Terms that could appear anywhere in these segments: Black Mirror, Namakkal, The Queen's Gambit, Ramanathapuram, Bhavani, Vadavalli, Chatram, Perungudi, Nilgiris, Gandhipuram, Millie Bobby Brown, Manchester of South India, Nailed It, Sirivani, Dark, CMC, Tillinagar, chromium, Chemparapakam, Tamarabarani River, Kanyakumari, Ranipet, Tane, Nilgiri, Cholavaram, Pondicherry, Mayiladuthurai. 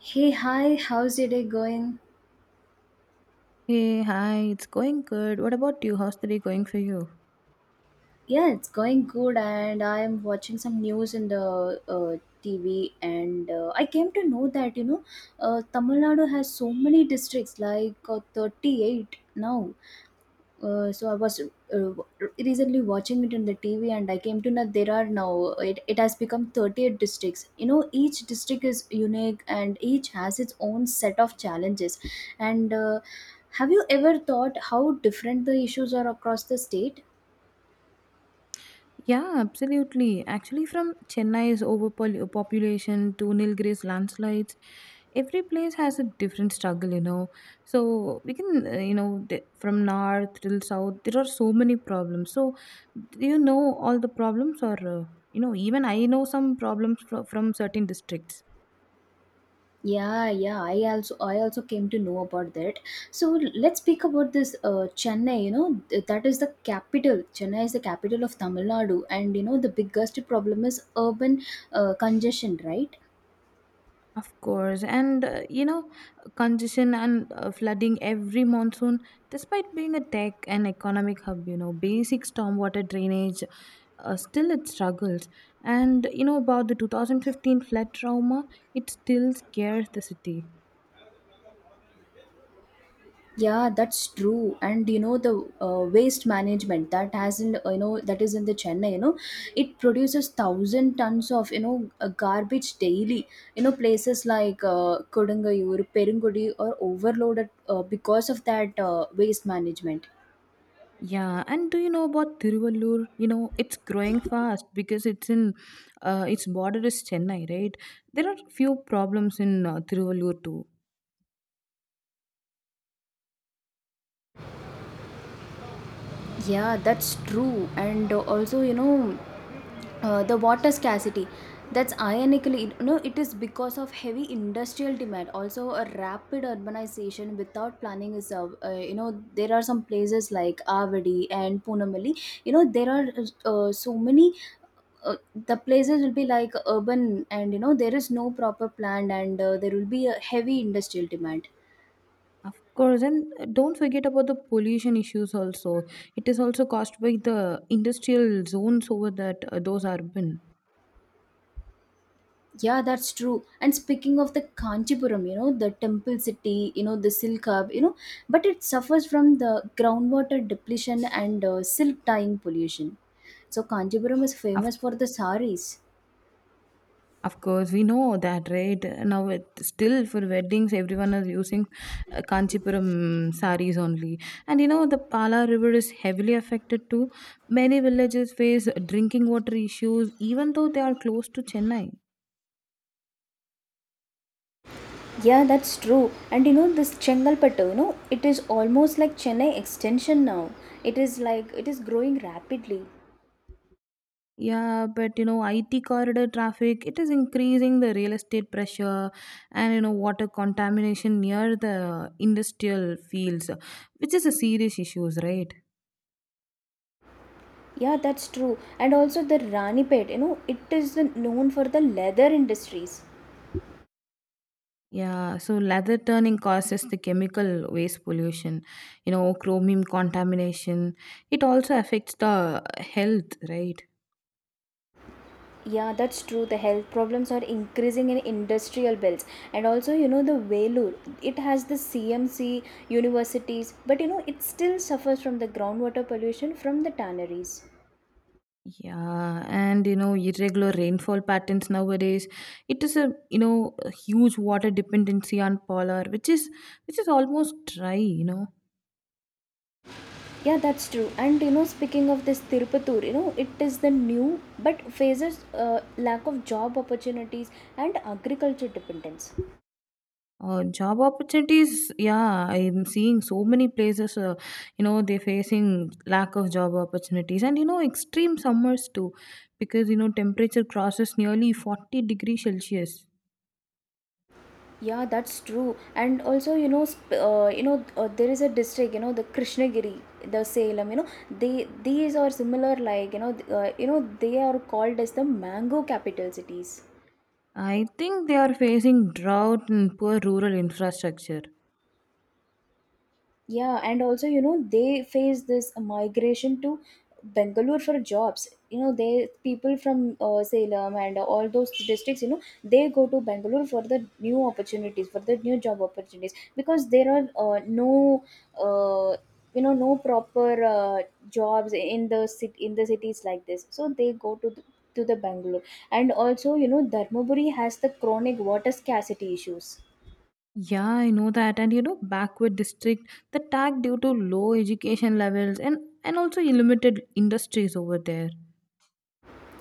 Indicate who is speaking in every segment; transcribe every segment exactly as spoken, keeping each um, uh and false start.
Speaker 1: Hey, hi, how's your day going?
Speaker 2: Hey, hi, it's going good. What about you? How's the day going for you?
Speaker 1: Yeah, it's going good, and I'm watching some news in the uh, T V, and uh, I came to know that you know, uh, Tamil Nadu has so many districts, like uh, thirty-eight now. Uh, so I was uh, recently watching it on the T V, and I came to know there are now it, it has become thirty-eight districts. You know, each district is unique, and each has its own set of challenges. And uh, Have you ever thought how different the issues are across the state?
Speaker 2: Yeah, absolutely. Actually, from Chennai's overpopulation to Nilgiri's landslides, every place has a different struggle, you know. So, we can, uh, you know, th- from north till south, there are so many problems. So, do you know all the problems, or, uh, you know, even I know some problems fro- from certain districts?
Speaker 1: Yeah, yeah, I also I also came to know about that. So let's speak about this uh, Chennai. You know, th- that is the capital. Chennai is the capital of Tamil Nadu, and you know the biggest problem is urban uh, congestion, right?
Speaker 2: Of course, and uh, you know, congestion and uh, flooding every monsoon, despite being a tech and economic hub, you know, basic stormwater drainage, uh, still it struggles. And you know, about the two thousand fifteen flood trauma, it still scares the city.
Speaker 1: Yeah, that's true. And you know the uh, waste management that has not you know that is in the Chennai. You know, it produces thousand tons of you know uh, garbage daily. You know places like uh, Kodungayur, Perungudi are overloaded uh, because of that uh, waste management.
Speaker 2: Yeah, and do you know about Tiruvallur? You know, it's growing fast because it's in, uh, its border is Chennai, right? There are few problems in uh, Tiruvallur too.
Speaker 1: Yeah, that's true. And uh, also, you know, uh, The water scarcity. That's ironically, you know, it is because of heavy industrial demand. Also, a rapid urbanization without planning is, uh, uh, you know, there are some places like Avadi and Punamalli. You know, there are uh, so many. Uh, the places will be like urban, and you know, there is no proper plan, and uh, there will be a heavy industrial demand.
Speaker 2: Of course, and don't forget about the pollution issues also. It is also caused by the industrial zones over that uh, those urban.
Speaker 1: Yeah, that's true. And speaking of the Kanchipuram, you know, the temple city, you know, the silk hub, you know, but it suffers from the groundwater depletion and uh, silk dyeing pollution. So Kanchipuram is
Speaker 2: Of
Speaker 1: famous for the saris.
Speaker 2: of course, we know that, right? Now, it, still for weddings, everyone is using uh, Kanchipuram saris only, and you know the Pala River is heavily affected too. Many villages face drinking water issues, even though they are close to Chennai.
Speaker 1: Yeah, that's true. And you know, this Chengalpattu, you know, it is almost like Chennai extension now. It is like, it is growing rapidly.
Speaker 2: Yeah, but you know, I T corridor traffic, it is increasing the real estate pressure and you know, water contamination near the industrial fields, which is a serious issues, right?
Speaker 1: Yeah, that's true. And also the Ranipet, you know, it is known for the leather industries.
Speaker 2: Yeah, so leather turning causes the chemical waste pollution, you know, chromium contamination. It also affects the health, right?
Speaker 1: Yeah, that's true. The health problems are increasing in industrial belts, and also you know the Vellore. It has the C M C universities, but you know it still suffers from the groundwater pollution from the tanneries.
Speaker 2: Yeah, and you know, irregular rainfall patterns nowadays. It is a you know a huge water dependency on polar, which is which is almost dry. You know,
Speaker 1: Yeah, that's true. And you know, speaking of this Tirupattur, you know it is the new but faces uh, lack of job opportunities and agriculture dependence.
Speaker 2: uh, job opportunities. Yeah, I'm seeing so many places. Uh, you know, they're facing lack of job opportunities, and you know, extreme summers too, because you know temperature crosses nearly forty degrees Celsius.
Speaker 1: Yeah, that's true. And also, you know, sp- uh, you know, uh, there is a district, you know, the Krishnagiri, the Salem, you know, they these are similar, like you know, th- uh, you know, they are called as the mango capital cities.
Speaker 2: I think they are facing drought and poor rural infrastructure.
Speaker 1: Yeah, and also, you know, they face this migration to Bangalore for jobs. You know, they people from uh, Salem and all those districts, you know, they go to Bangalore for the new opportunities, for the new job opportunities, because there are uh, no, uh, you know, no proper uh, jobs in the city in the cities like this. So they go to the, to the Bangalore, and also, you know, Dharmaburi has the chronic water scarcity issues.
Speaker 2: Yeah, I know that. And you know, backward district, the tag due to low education levels and, and also limited industries over there.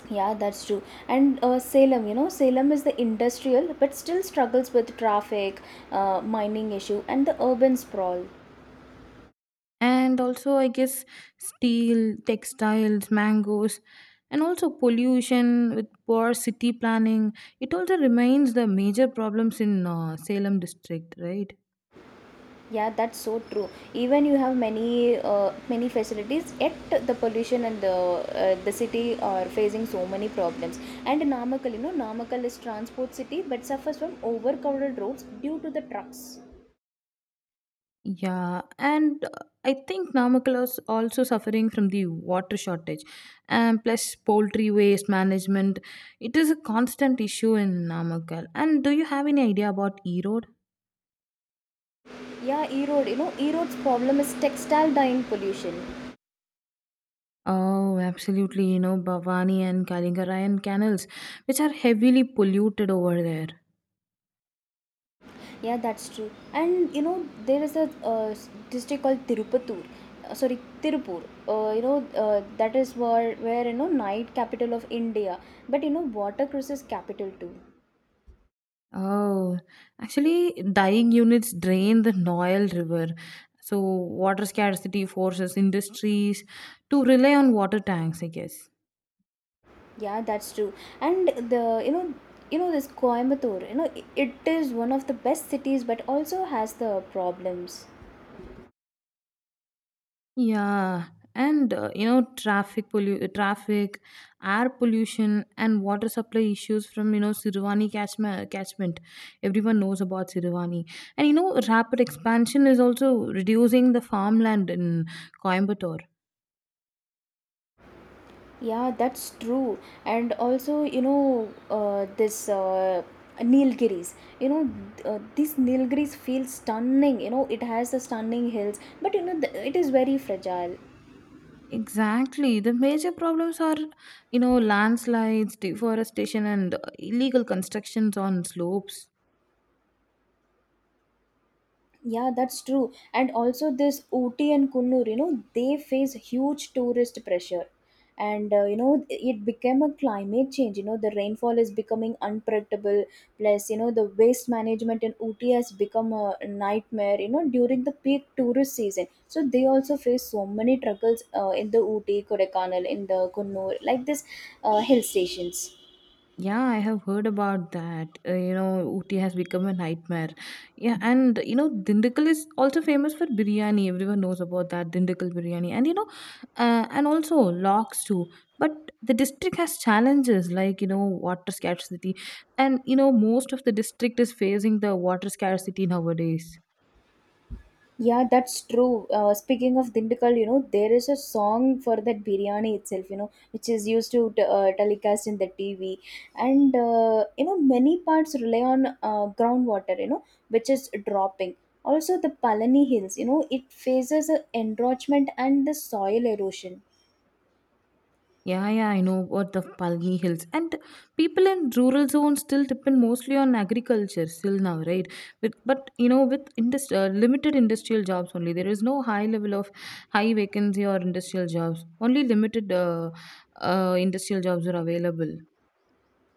Speaker 1: Yeah, that's true. And uh, Salem, you know, Salem is the industrial but still struggles with traffic, uh, mining issue, and the urban sprawl.
Speaker 2: And also, I guess, steel, textiles, mangoes, and also pollution with poor city planning. It also remains the major problems in uh, Salem district, right?
Speaker 1: Yeah, that's so true. Even you have many uh, many facilities, yet the pollution and the uh, the city are facing so many problems. And Namakkal, you know, Namakkal is transport city but suffers from overcrowded roads due to the trucks.
Speaker 2: Yeah, and uh, I think Namakula is also suffering from the water shortage, and plus poultry waste management. It is a constant issue in Namakal. And do you have any idea about Erode?
Speaker 1: Yeah, E road, you know, E road's problem is textile dyeing pollution.
Speaker 2: Oh, absolutely. You know, Bhavani and Kaligarayan canals, which are heavily polluted over there.
Speaker 1: Yeah, that's true. And you know, there is a uh, s- district called Tirupatur. Uh, sorry, Tirupur. Uh, you know, uh, that is where where you know night capital of India. But you know, watercress is capital too.
Speaker 2: Oh, actually, dyeing units drain the Noel River. So, water scarcity forces industries to rely on water tanks, I guess.
Speaker 1: Yeah, that's true. And the you know you know this Coimbatore. You know, i- it is one of the best cities, but also has the problems.
Speaker 2: Yeah, and uh, you know, traffic pollu- traffic, air pollution, and water supply issues from you know Sirivani catchment. catchment. Everyone knows about Sirivani, and you know, rapid expansion is also reducing the farmland in Coimbatore.
Speaker 1: Yeah, that's true. And also, you know, uh, this uh, Nilgiris, you know, th- uh, these Nilgiris feel stunning. You know, it has the stunning hills, but you know, th- it is very fragile.
Speaker 2: Exactly, the major problems are you know landslides, deforestation, and uh, illegal constructions on slopes.
Speaker 1: Yeah, that's true. And also, this Ooty and Kunnur, you know, they face huge tourist pressure. And, uh, you know, it became a climate change. You know, the rainfall is becoming unpredictable. Plus, you know, the waste management in Ooty has become a nightmare, you know, during the peak tourist season. So, they also face so many struggles uh, in the Ooty, Kodaikanal, in the Kunnur, like this uh, hill stations.
Speaker 2: Yeah, I have heard about that. Uh, you know, Ooty has become a nightmare. Yeah, and you know, Dindigul is also famous for biryani. Everyone knows about that Dindigul biryani, and you know, uh, and also locks too. But the district has challenges like you know water scarcity, and you know most of the district is facing the water scarcity nowadays.
Speaker 1: Yeah, that's true. Uh, speaking of Dindukal, you know, there is a song for that biryani itself, you know, which is used to t- uh, telecast in the T V. And, uh, you know, many parts rely on uh, groundwater, you know, which is dropping. Also, the Palani Hills, you know, it faces a encroachment and the soil erosion.
Speaker 2: Yeah, yeah, I know about the Palni Hills. And people in rural zones still depend mostly on agriculture still now, right? With, but, you know, with indus- uh, limited industrial jobs only, there is no high level of high vacancy or industrial jobs. Only limited uh, uh, industrial jobs are available.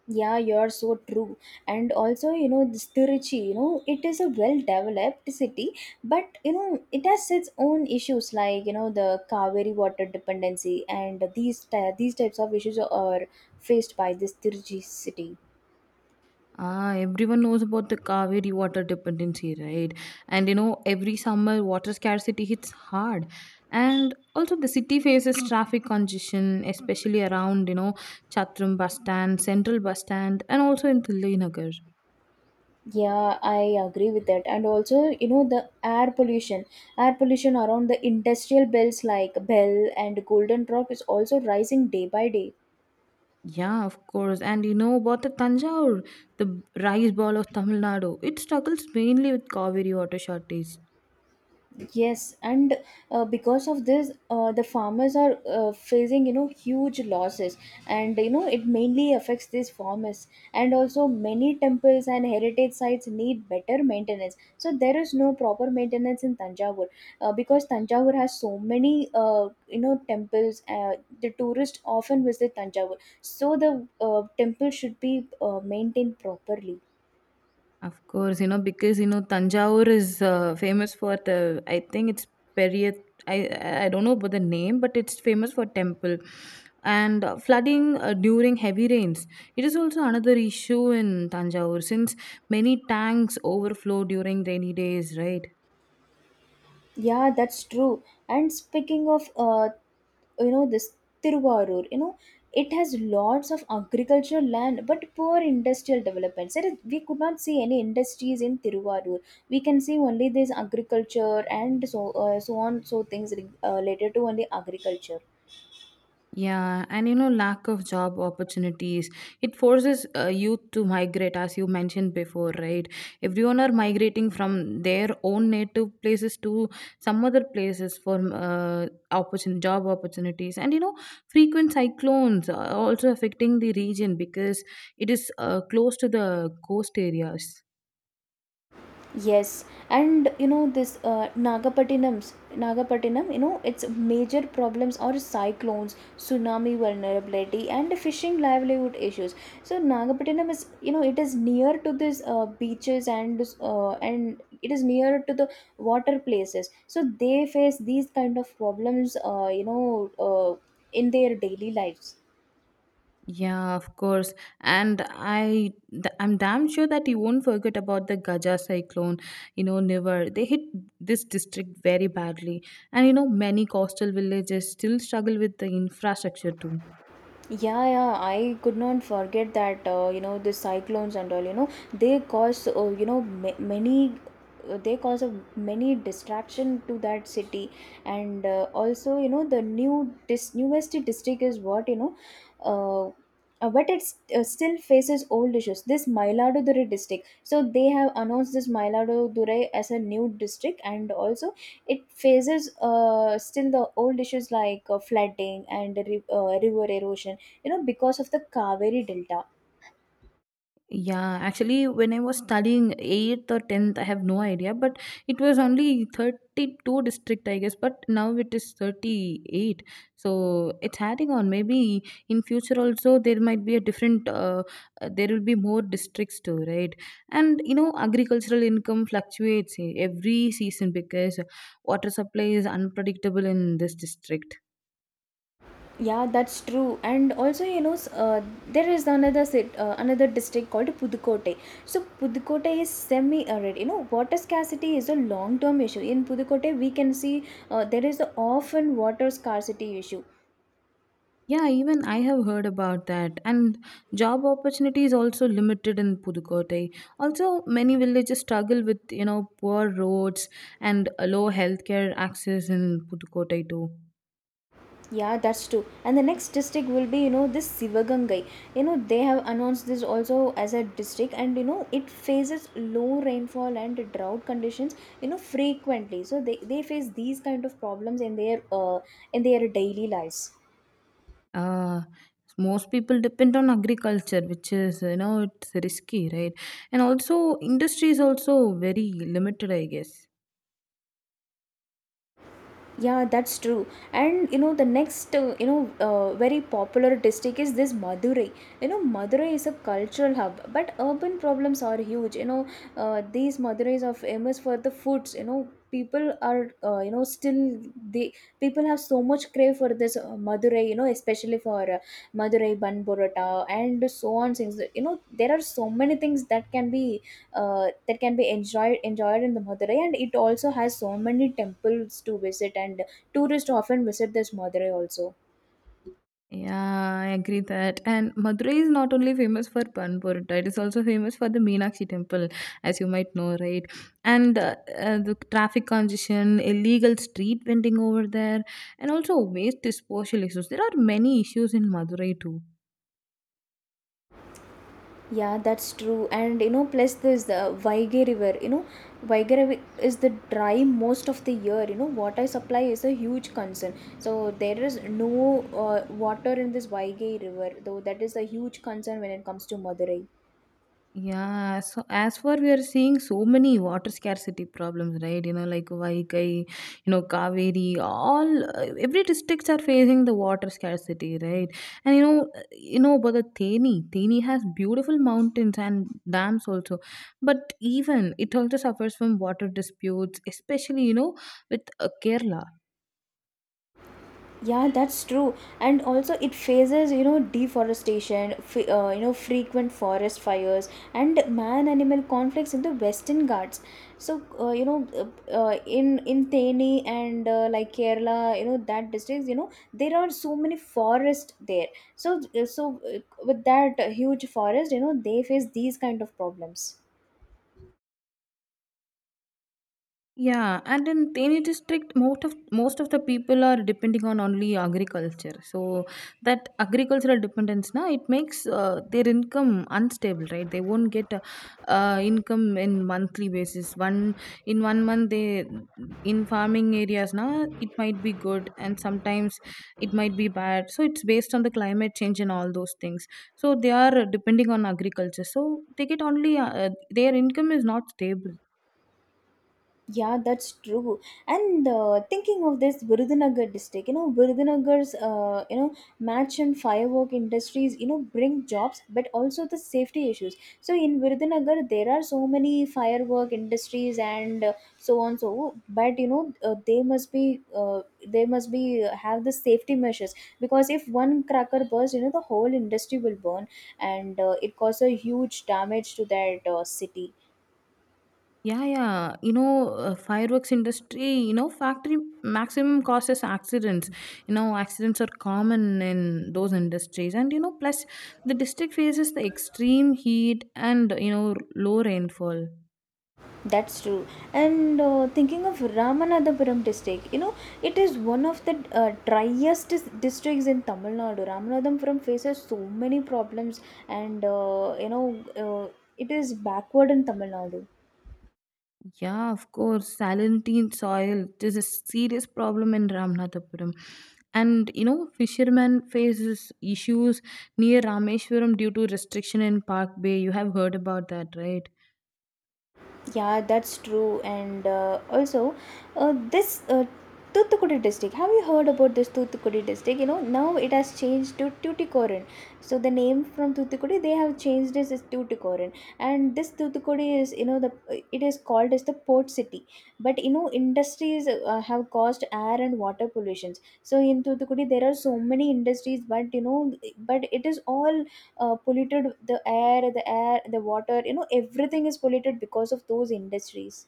Speaker 1: Yeah, you're so true. And also, you know, this Tiruchi, you know, it is a well developed city, but you know, it has its own issues like, you know, the Kaveri water dependency and these ty- these types of issues are faced by this Tiruchi city.
Speaker 2: Ah, everyone knows about the Kaveri water dependency, right? And you know, every summer water scarcity hits hard. And also the city faces traffic congestion, especially around, you know, Chatram bus stand, central bus stand, and also in Tillinagar.
Speaker 1: Yeah, I agree with that. And also, you know, the air pollution, air pollution around the industrial belts like Bell and Golden Rock is also rising day by day.
Speaker 2: Yeah, of course. And you know about the Tanjore, the rice ball of Tamil Nadu. It struggles mainly with Kaveri water shortage.
Speaker 1: Yes, and uh, because of this, uh, the farmers are uh, facing you know huge losses, and you know it mainly affects these farmers. And also, many temples and heritage sites need better maintenance. So there is no proper maintenance in Tanjavur, uh, because Tanjavur has so many uh, you know temples. Uh, the tourists often visit Tanjavur, so the uh, temple should be uh, maintained properly.
Speaker 2: Of course, you know, because you know Tanjavur is uh, famous for the I think it's Periyat I I I don't know about the name, but it's famous for temple and uh, flooding uh, during heavy rains. It is also another issue in Tanjavur since many tanks overflow during rainy days, right?
Speaker 1: Yeah, that's true. And speaking of uh, you know this Tiruvarur, you know it has lots of agricultural land but poor industrial developments. There is- we could not see any industries in Tiruvarur. We can see only this agriculture and so uh, so on so things re- uh, related to only agriculture.
Speaker 2: Yeah, and you know, lack of job opportunities. It forces uh, youth to migrate, as you mentioned before, right? Everyone are migrating from their own native places to some other places for uh, opportun- job opportunities. And you know, frequent cyclones are also affecting the region because it is uh, close to the coast areas.
Speaker 1: Yes, and you know this uh, Nagapattinam's Nagapattinam, you know its major problems are cyclones, tsunami vulnerability, and fishing livelihood issues. So Nagapattinam is you know it is near to these uh, beaches and uh, and it is near to the water places. So they face these kind of problems, uh, you know, uh, in their daily lives.
Speaker 2: Yeah, of course. And I th- I'm damn sure that you won't forget about the Gaja cyclone, you know, Nivar. They hit this district very badly. And you know, many coastal villages still struggle with the infrastructure too.
Speaker 1: Yeah, yeah, I could not forget that uh, you know the cyclones and all. You know they cause uh, you know ma- many uh, they cause a many distraction to that city, and uh, also you know the new this newest district is what you know, uh, uh, but it uh, still faces old issues. This Mayiladuthurai district, so they have announced this Mayiladuthurai as a new district, and also it faces uh, still the old issues like uh, flooding and ri- uh, river erosion, you know because of the Kaveri delta.
Speaker 2: Yeah, actually, when I was studying eighth or tenth, I have no idea, but it was only thirty-two district, I guess, but now it is thirty-eight. So it's adding on. Maybe in future also there might be a different, uh, uh, there will be more districts too, right? And you know, agricultural income fluctuates eh, every season because water supply is unpredictable in this district.
Speaker 1: Yeah, that's true. And also you know s- uh, there is another sit, uh, another district called Pudukkottai. So Pudukkottai is semi arid, you know water scarcity is a long term issue in Pudukkottai. We can see uh, there is a often water scarcity issue.
Speaker 2: Yeah, even I have heard about that. And job opportunities also limited in Pudukkottai. Also, many villages struggle with you know poor roads and a low healthcare access in Pudukkottai too.
Speaker 1: Yeah, that's true. And the next district will be, you know, this Sivagangai. You know, they have announced this also as a district, and you know, it faces low rainfall and drought conditions, you know, frequently. So they, they face these kind of problems in their uh in their daily lives.
Speaker 2: Uh, Most people depend on agriculture, which is you know it's risky, right? And also, industry is also very limited, I guess.
Speaker 1: Yeah, that's true. And you know, the next uh, you know uh, very popular district is this Madurai. You know, Madurai is a cultural hub, but urban problems are huge. You know, uh, these Madurais are famous for the foods. You know, people are uh, you know still they people have so much crave for this uh, Madurai. You know, especially for uh, Madurai bun burrata and so on things. You know, there are so many things that can be uh, that can be enjoyed enjoyed in the Madurai, and it also has so many temples to visit, and tourists often visit this Madurai also.
Speaker 2: Yeah, I agree that. And Madurai is not only famous for Pan Porota, it is also famous for the Meenakshi temple, as you might know, right? And uh, uh, the traffic congestion, illegal street vending over there, and also waste disposal issues. There are many issues in Madurai too.
Speaker 1: Yeah, that's true. And you know, plus this the Vaigai River. You know, Vaigai River is the dry most of the year. You know, water supply is a huge concern. So there is no uh, water in this Vaigai River, though that is a huge concern when it comes to Madurai.
Speaker 2: Yeah, so as for we are seeing so many water scarcity problems, right? You know, like Vaikai, you know, Kaveri, all uh, every districts are facing the water scarcity, right? And you know, uh, you know about the Theni. Theni has beautiful mountains and dams also, but even it also suffers from water disputes, especially you know with uh, Kerala.
Speaker 1: Yeah, that's true. And also, it faces, you know, deforestation, f- uh, you know, frequent forest fires, and man-animal conflicts in the Western Ghats. So, uh, you know, uh, uh, in in Thane and uh, like Kerala, you know, that districts, you know, there are so many forests there. So, uh, so uh, with that huge forest, you know, they face these kind of problems.
Speaker 2: Yeah, and in Teni district, most of most of the people are depending on only agriculture. So that agricultural dependence, na, it makes uh, their income unstable, right? They won't get uh, uh, income in monthly basis. One in one month, they in farming areas, na, it might be good, and sometimes it might be bad. So it's based on the climate change and all those things. So they are depending on agriculture. So they get only uh, their income is not stable.
Speaker 1: Yeah, that's true. And uh, Thinking of this Virudhunagar district, you know, Virudhunagar's, uh, you know, match and firework industries, you know, bring jobs, but also the safety issues. So in Virudhunagar, there are so many firework industries and uh, so on, so. But you know, uh, they must be, uh, they must be uh, have the safety measures because if one cracker bursts, you know, the whole industry will burn, and uh, it causes a huge damage to that uh, city.
Speaker 2: Yeah, yeah. You know, uh, fireworks industry, you know, factory maximum causes accidents. You know, accidents are common in those industries. And, you know, plus the district faces the extreme heat and, you know, low rainfall.
Speaker 1: That's true. And uh, Thinking of Ramanathapuram district, you know, it is one of the uh, driest dis- districts in Tamil Nadu. Ramanathapuram faces so many problems, and uh, you know, uh, it is backward in Tamil Nadu.
Speaker 2: Yeah, of course. Salinity in soil this is a serious problem in Ramnathapuram. And, you know, fishermen faces issues near Rameshwaram due to restriction in Park Bay. You have heard about that, right?
Speaker 1: Yeah, that's true. And uh, also, uh, this uh, Thuthukudi district. Have you heard about this Thuthukudi district? You know, now it has changed to Tuticorin. So the name from Thuthukudi, they have changed this as Tuticorin. And this Thuthukudi is, you know, the it is called as the port city. But you know, industries uh, have caused air and water pollutions. So in Thuthukudi, there are so many industries, but you know, but it is all uh, polluted. The air the air the water, you know, everything is polluted because of those industries.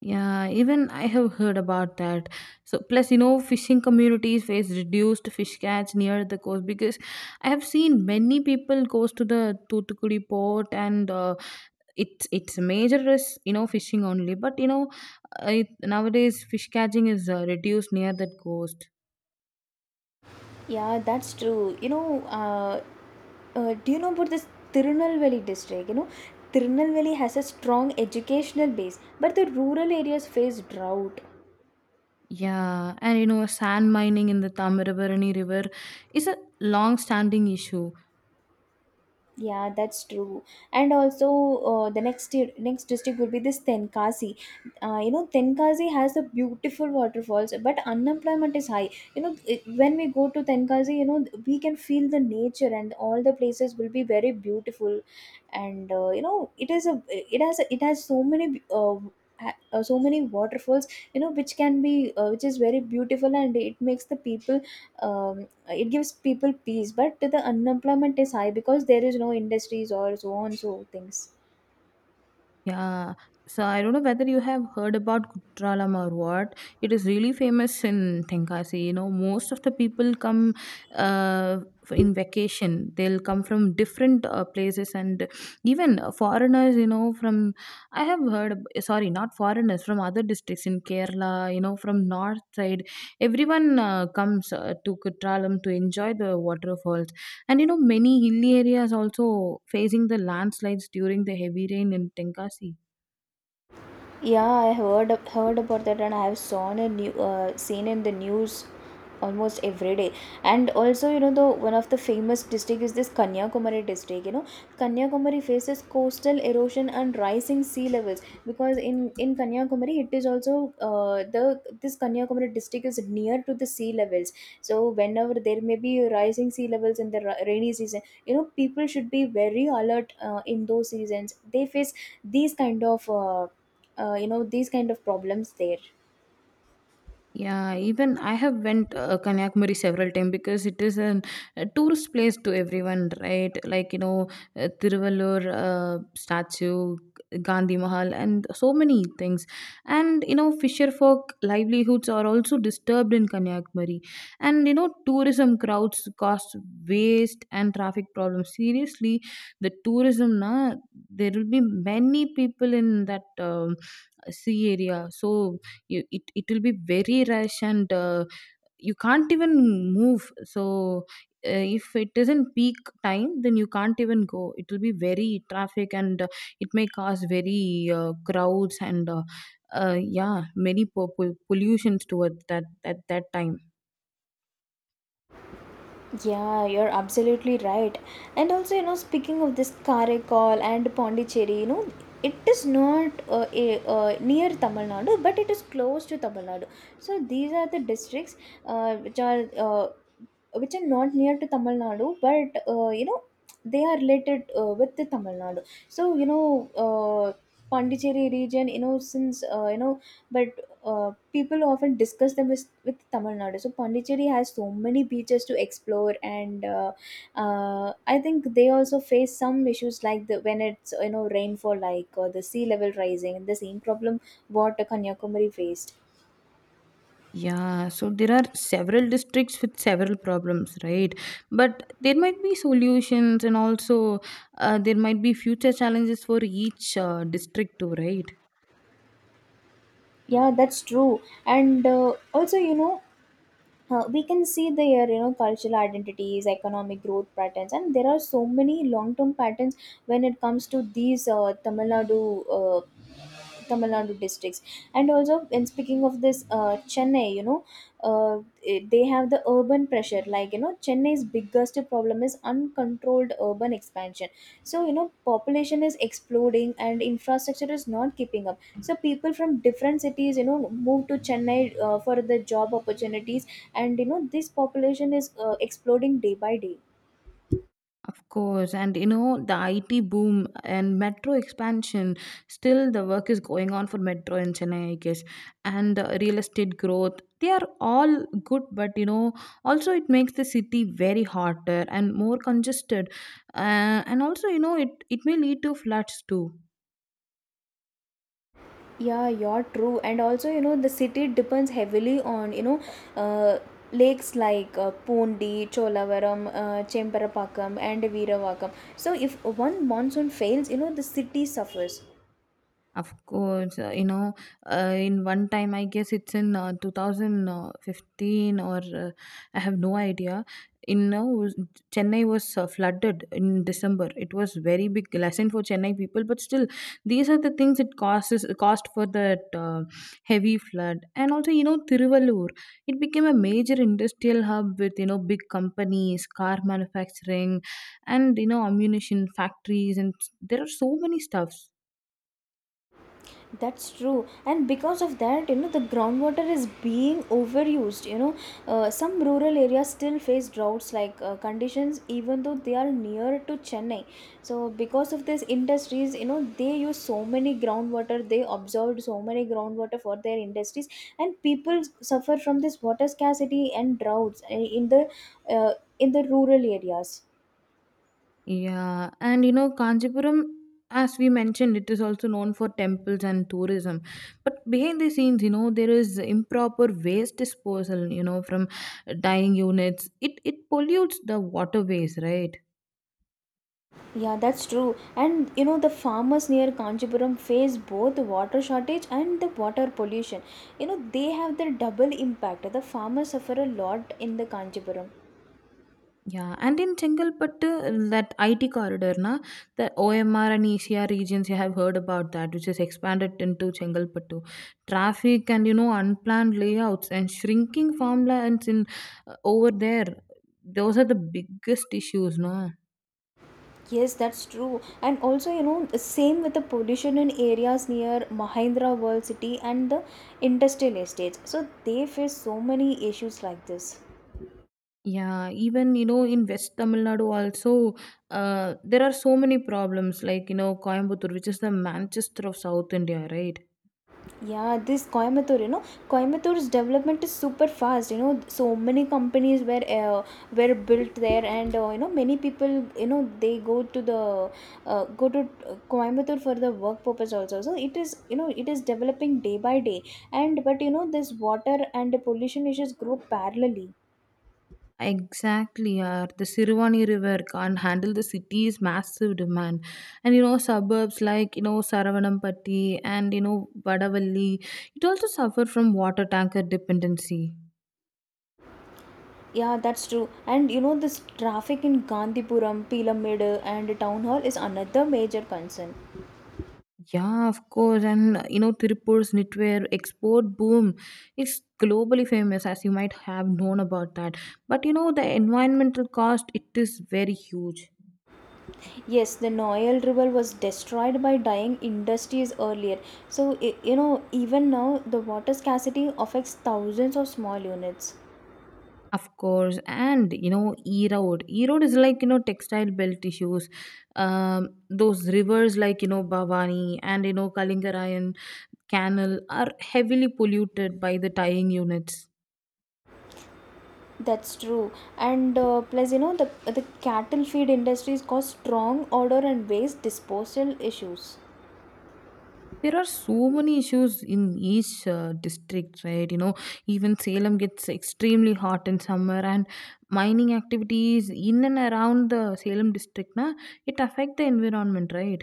Speaker 2: Yeah, even I have heard about that. So, plus, you know, fishing communities face reduced fish catch near the coast because I have seen many people goes to the Toothukudi port, and uh, it's it's a major risk, you know, fishing only. But you know, it, nowadays fish catching is uh, reduced near that coast.
Speaker 1: Yeah, that's true. You know, uh, uh, do you know about this Tirunelveli district? You know, Tirunelveli has a strong educational base, but the rural areas face drought.
Speaker 2: Yeah, and you know, sand mining in the Tamarabarani River is a long-standing issue.
Speaker 1: Yeah, that's true. And also, uh, the next di- next district would be this Tenkasi. Uh, you know, Tenkasi has the beautiful waterfalls, but unemployment is high. You know, it- when we go to Tenkasi, you know, we can feel the nature and all the places will be very beautiful and uh, you know, it is a it has a, it has so many uh, ha- uh, so many waterfalls, you know, which can be uh, which is very beautiful and it makes the people um, it gives people peace, but the unemployment is high because there is no industries or so on so things.
Speaker 2: Yeah. So I don't know whether you have heard about Kutralam or what. It is really famous in Tenkasi. You know, most of the people come uh, in vacation. They'll come from different uh, places and even foreigners, you know, from, I have heard, ab- sorry, not foreigners, from other districts in Kerala, you know, from north side. Everyone uh, comes uh, to Kutralam to enjoy the waterfalls and you know, many hilly areas also facing the landslides during the heavy rain in Tenkasi.
Speaker 1: Yeah, I heard ab- heard about that, and I have seen a new uh, seen in the news almost every day. And also, you know, the one of the famous district is this Kanyakumari district. You know, Kanyakumari faces coastal erosion and rising sea levels because in in Kanyakumari, it is also uh, the this Kanyakumari district is near to the sea levels. So whenever there may be rising sea levels in the ra- rainy season, you know, people should be very alert uh, in those seasons. They face these kind of uh, uh, you know, these kind of problems there.
Speaker 2: Yeah, even I have went uh, Kanyakumari several times because it is an, a tourist place to everyone, right? Like you know, uh, Tiruvallur uh, statue, Gandhi Mahal, and so many things. And you know, fisher folk livelihoods are also disturbed in Kanyakumari, and you know, tourism crowds cause waste and traffic problems. Seriously, the tourism na there will be many people in that um, sea area, so you, it it will be very rush and uh, you can't even move. So uh, if it isn't peak time then you can't even go. It will be very traffic and uh, it may cause very uh, crowds and uh, uh, yeah, many po- po- pollutions towards that at that time.
Speaker 1: Yeah, you're absolutely right. And also, you know, speaking of this Karaikal and Pondicherry, you know, it is not uh, a, uh, near Tamil Nadu, but it is close to Tamil Nadu. So these are the districts uh, which are uh, which are not near to Tamil Nadu, but uh, you know, they are related uh, with the Tamil Nadu. So you know, uh, Pondicherry region, you know, since uh, you know, but uh, people often discuss them with, with Tamil Nadu. So Pondicherry has so many beaches to explore, and uh, uh, I think they also face some issues like the when it's, you know, rainfall, like, or the sea level rising, the same problem what Kanyakumari faced.
Speaker 2: Yeah, so there are several districts with several problems, right? But there might be solutions and also uh, there might be future challenges for each uh, district too, right?
Speaker 1: Yeah, that's true. And uh, also you know. uh, we can see there, you know, cultural identities, economic growth patterns, and there are so many long term patterns when it comes to these uh, tamil nadu uh, Tamil Nadu districts. And also, in speaking of this, uh, Chennai, you know, uh, it- they have the urban pressure. Like, you know, Chennai's biggest problem is uncontrolled urban expansion. So you know, population is exploding and infrastructure is not keeping up. So people from different cities, you know, move to Chennai uh, for the job opportunities, and you know, this population is uh, exploding day by day.
Speaker 2: Of course, and you know, the I T boom and metro expansion, still the work is going on for metro in Chennai, I guess, and uh, real estate growth. They are all good, but you know, also it makes the city very hotter and more congested. Uh, and also, you know, it, it may lead to floods too.
Speaker 1: Yeah, you're true. And also, you know, the city depends heavily on, you know, uh, lakes like uh, Pondi, Cholavaram, uh, Chemparapakam, and Veeravakam. So, if one monsoon fails, you know, the city suffers.
Speaker 2: Of course, uh, you know, uh, in one time, I guess it's in uh, two thousand fifteen or uh, I have no idea. In uh, was- Chennai was uh, flooded in December. It was very big lesson for Chennai people, but still, these are the things it causes cost for that uh, heavy flood. And also, you know, Tiruvallur, it became a major industrial hub with you know big companies, car manufacturing, and you know ammunition factories, and there are so many stuffs.
Speaker 1: That's true, and because of that, you know, the groundwater is being overused. You know, uh, some rural areas still face droughts like uh, conditions even though they are near to Chennai. So because of these industries, you know, they use so many groundwater, they absorbed so many groundwater for their industries, and people suffer from this water scarcity and droughts uh, in the uh, in the rural areas.
Speaker 2: Yeah, and you know, Kanchipuram, as we mentioned, it is also known for temples and tourism. But behind the scenes, you know, there is improper waste disposal, you know, from dyeing units. It it pollutes the waterways, right?
Speaker 1: Yeah, that's true. And you know, the farmers near Kanchipuram face both water shortage and the water pollution. You know, they have the double impact. The farmers suffer a lot in the Kanchipuram.
Speaker 2: Yeah, and in Chengalpattu, that I T corridor, na, the O M R and E C R regions, you have heard about that, which is expanded into Chengalpattu. Traffic and you know unplanned layouts and shrinking farmlands in uh, over there. Those are the biggest issues, no?
Speaker 1: Yes, that's true. And also, you know, same with the pollution in areas near Mahindra World City and the industrial estates. So they face so many issues like this.
Speaker 2: Yeah, even you know in West Tamil Nadu also, uh, there are so many problems. Like you know Coimbatore, which is the Manchester of South India, right?
Speaker 1: Yeah, this Coimbatore, you know, Coimbatore's development is super fast. You know, so many companies were uh, were built there, and uh, you know, many people, you know, they go to the uh, go to uh, Coimbatore for the work purpose also. So it is, you know, it is developing day by day, and but you know, this water and the pollution issues grow parallelly.
Speaker 2: Exactly, yeah. The Sirivani River can't handle the city's massive demand. And you know, suburbs like, you know, Saravanampatti and, you know, Vadavalli, it also suffer from water tanker dependency.
Speaker 1: Yeah, that's true. And you know, this traffic in Gandhipuram, Pila Meadow, and Town Hall is another major concern.
Speaker 2: Yeah, of course. And, uh, you know, Tirupur's knitwear export boom is globally famous, as you might have known about that. But, you know, the environmental cost, it is very huge.
Speaker 1: Yes, the Noel River was destroyed by dying industries earlier. So, i- you know, even now, the water scarcity affects thousands of small units.
Speaker 2: Of course, and you know, Erode. Erode is like, you know, textile belt issues. Um, those rivers like, you know, Bhavani and, you know, Kalingarayan canal are heavily polluted by the tying units.
Speaker 1: That's true. And uh, plus, you know, the, the cattle feed industries cause strong odor and waste disposal issues.
Speaker 2: There are so many issues in each uh, district, right? You know, even Salem gets extremely hot in summer, and mining activities in and around the Salem district, na, it affect the environment, right?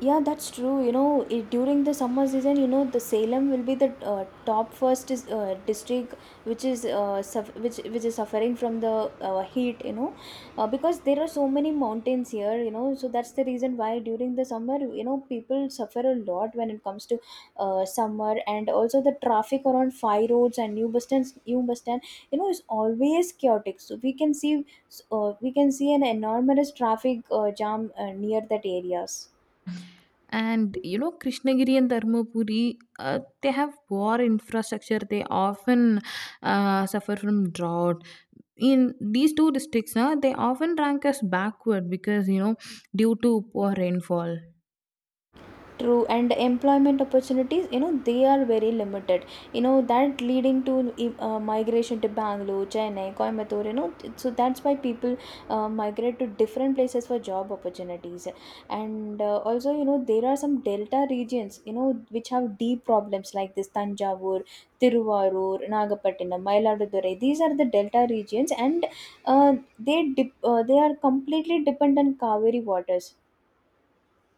Speaker 1: Yeah, that's true. You know, it, during the summer season, you know, the Salem will be the uh, top first is, uh, district, which is uh, suff which which is suffering from the uh, heat. You know, uh, because there are so many mountains here. You know, so that's the reason why during the summer, you know, people suffer a lot when it comes to uh, summer, and also the traffic around fire roads and new bus stands, new bus stand, you know, is always chaotic. So we can see, uh, we can see an enormous traffic uh, jam uh, near that areas.
Speaker 2: And you know, Krishnagiri and Dharmapuri, uh, they have poor infrastructure. They often uh, suffer from drought. In these two districts, uh, they often rank as backward because you know, due to poor rainfall.
Speaker 1: True, and employment opportunities, you know, they are very limited. You know, that leading to uh, migration to Bangalore, Chennai, Coimbatore, you know, so that's why people uh, migrate to different places for job opportunities. And uh, also, you know, there are some delta regions, you know, which have deep problems like this Tanjavur, Tiruvarur, Nagapattinam, Mayiladurai. These are the delta regions, and uh, they dip, uh, they are completely dependent on Kaveri waters.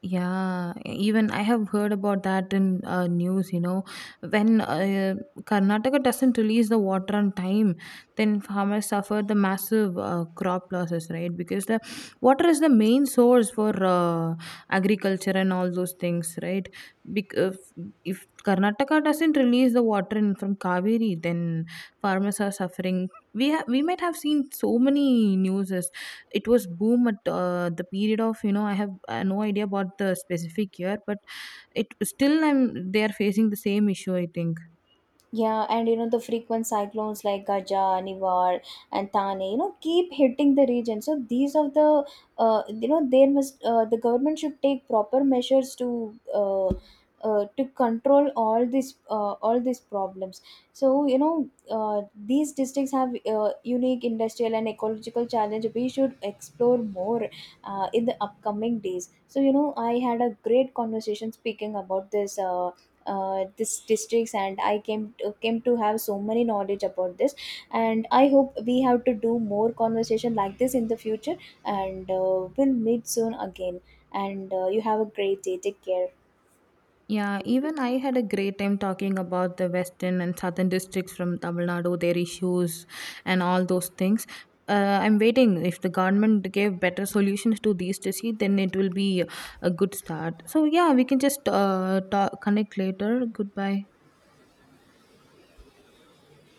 Speaker 2: Yeah, even I have heard about that in uh, news, you know, when uh, Karnataka doesn't release the water on time, then farmers suffer the massive uh, crop losses, right? Because the water is the main source for uh, agriculture and all those things, right? Because if Karnataka doesn't release the water in from Kaveri, then farmers are suffering. We ha- we might have seen so many news. It was boom at uh, the period of you know. I have uh, no idea about the specific year, but it still I'm they are facing the same issue, I think.
Speaker 1: Yeah, and you know, the frequent cyclones like Gaja, Nivar, and Tane, you know, keep hitting the region. So these are the, uh, you know, there must uh, the government should take proper measures to, uh, uh, to control all these uh, all these problems. So you know, uh, these districts have uh, unique industrial and ecological challenge. We should explore more uh, in the upcoming days. So you know, I had a great conversation speaking about this. Uh, uh, this districts, and I came to, came to have so many knowledge about this, and I hope we have to do more conversation like this in the future, and uh, we'll meet soon again, and uh, you have a great day. Take care.
Speaker 2: Yeah, even I had a great time talking about the western and southern districts from Tamil Nadu, their issues and all those things. uh, I'm waiting if the government gave better solutions to these disease, then it will be a good start. So yeah, we can just uh, talk, connect later. Goodbye.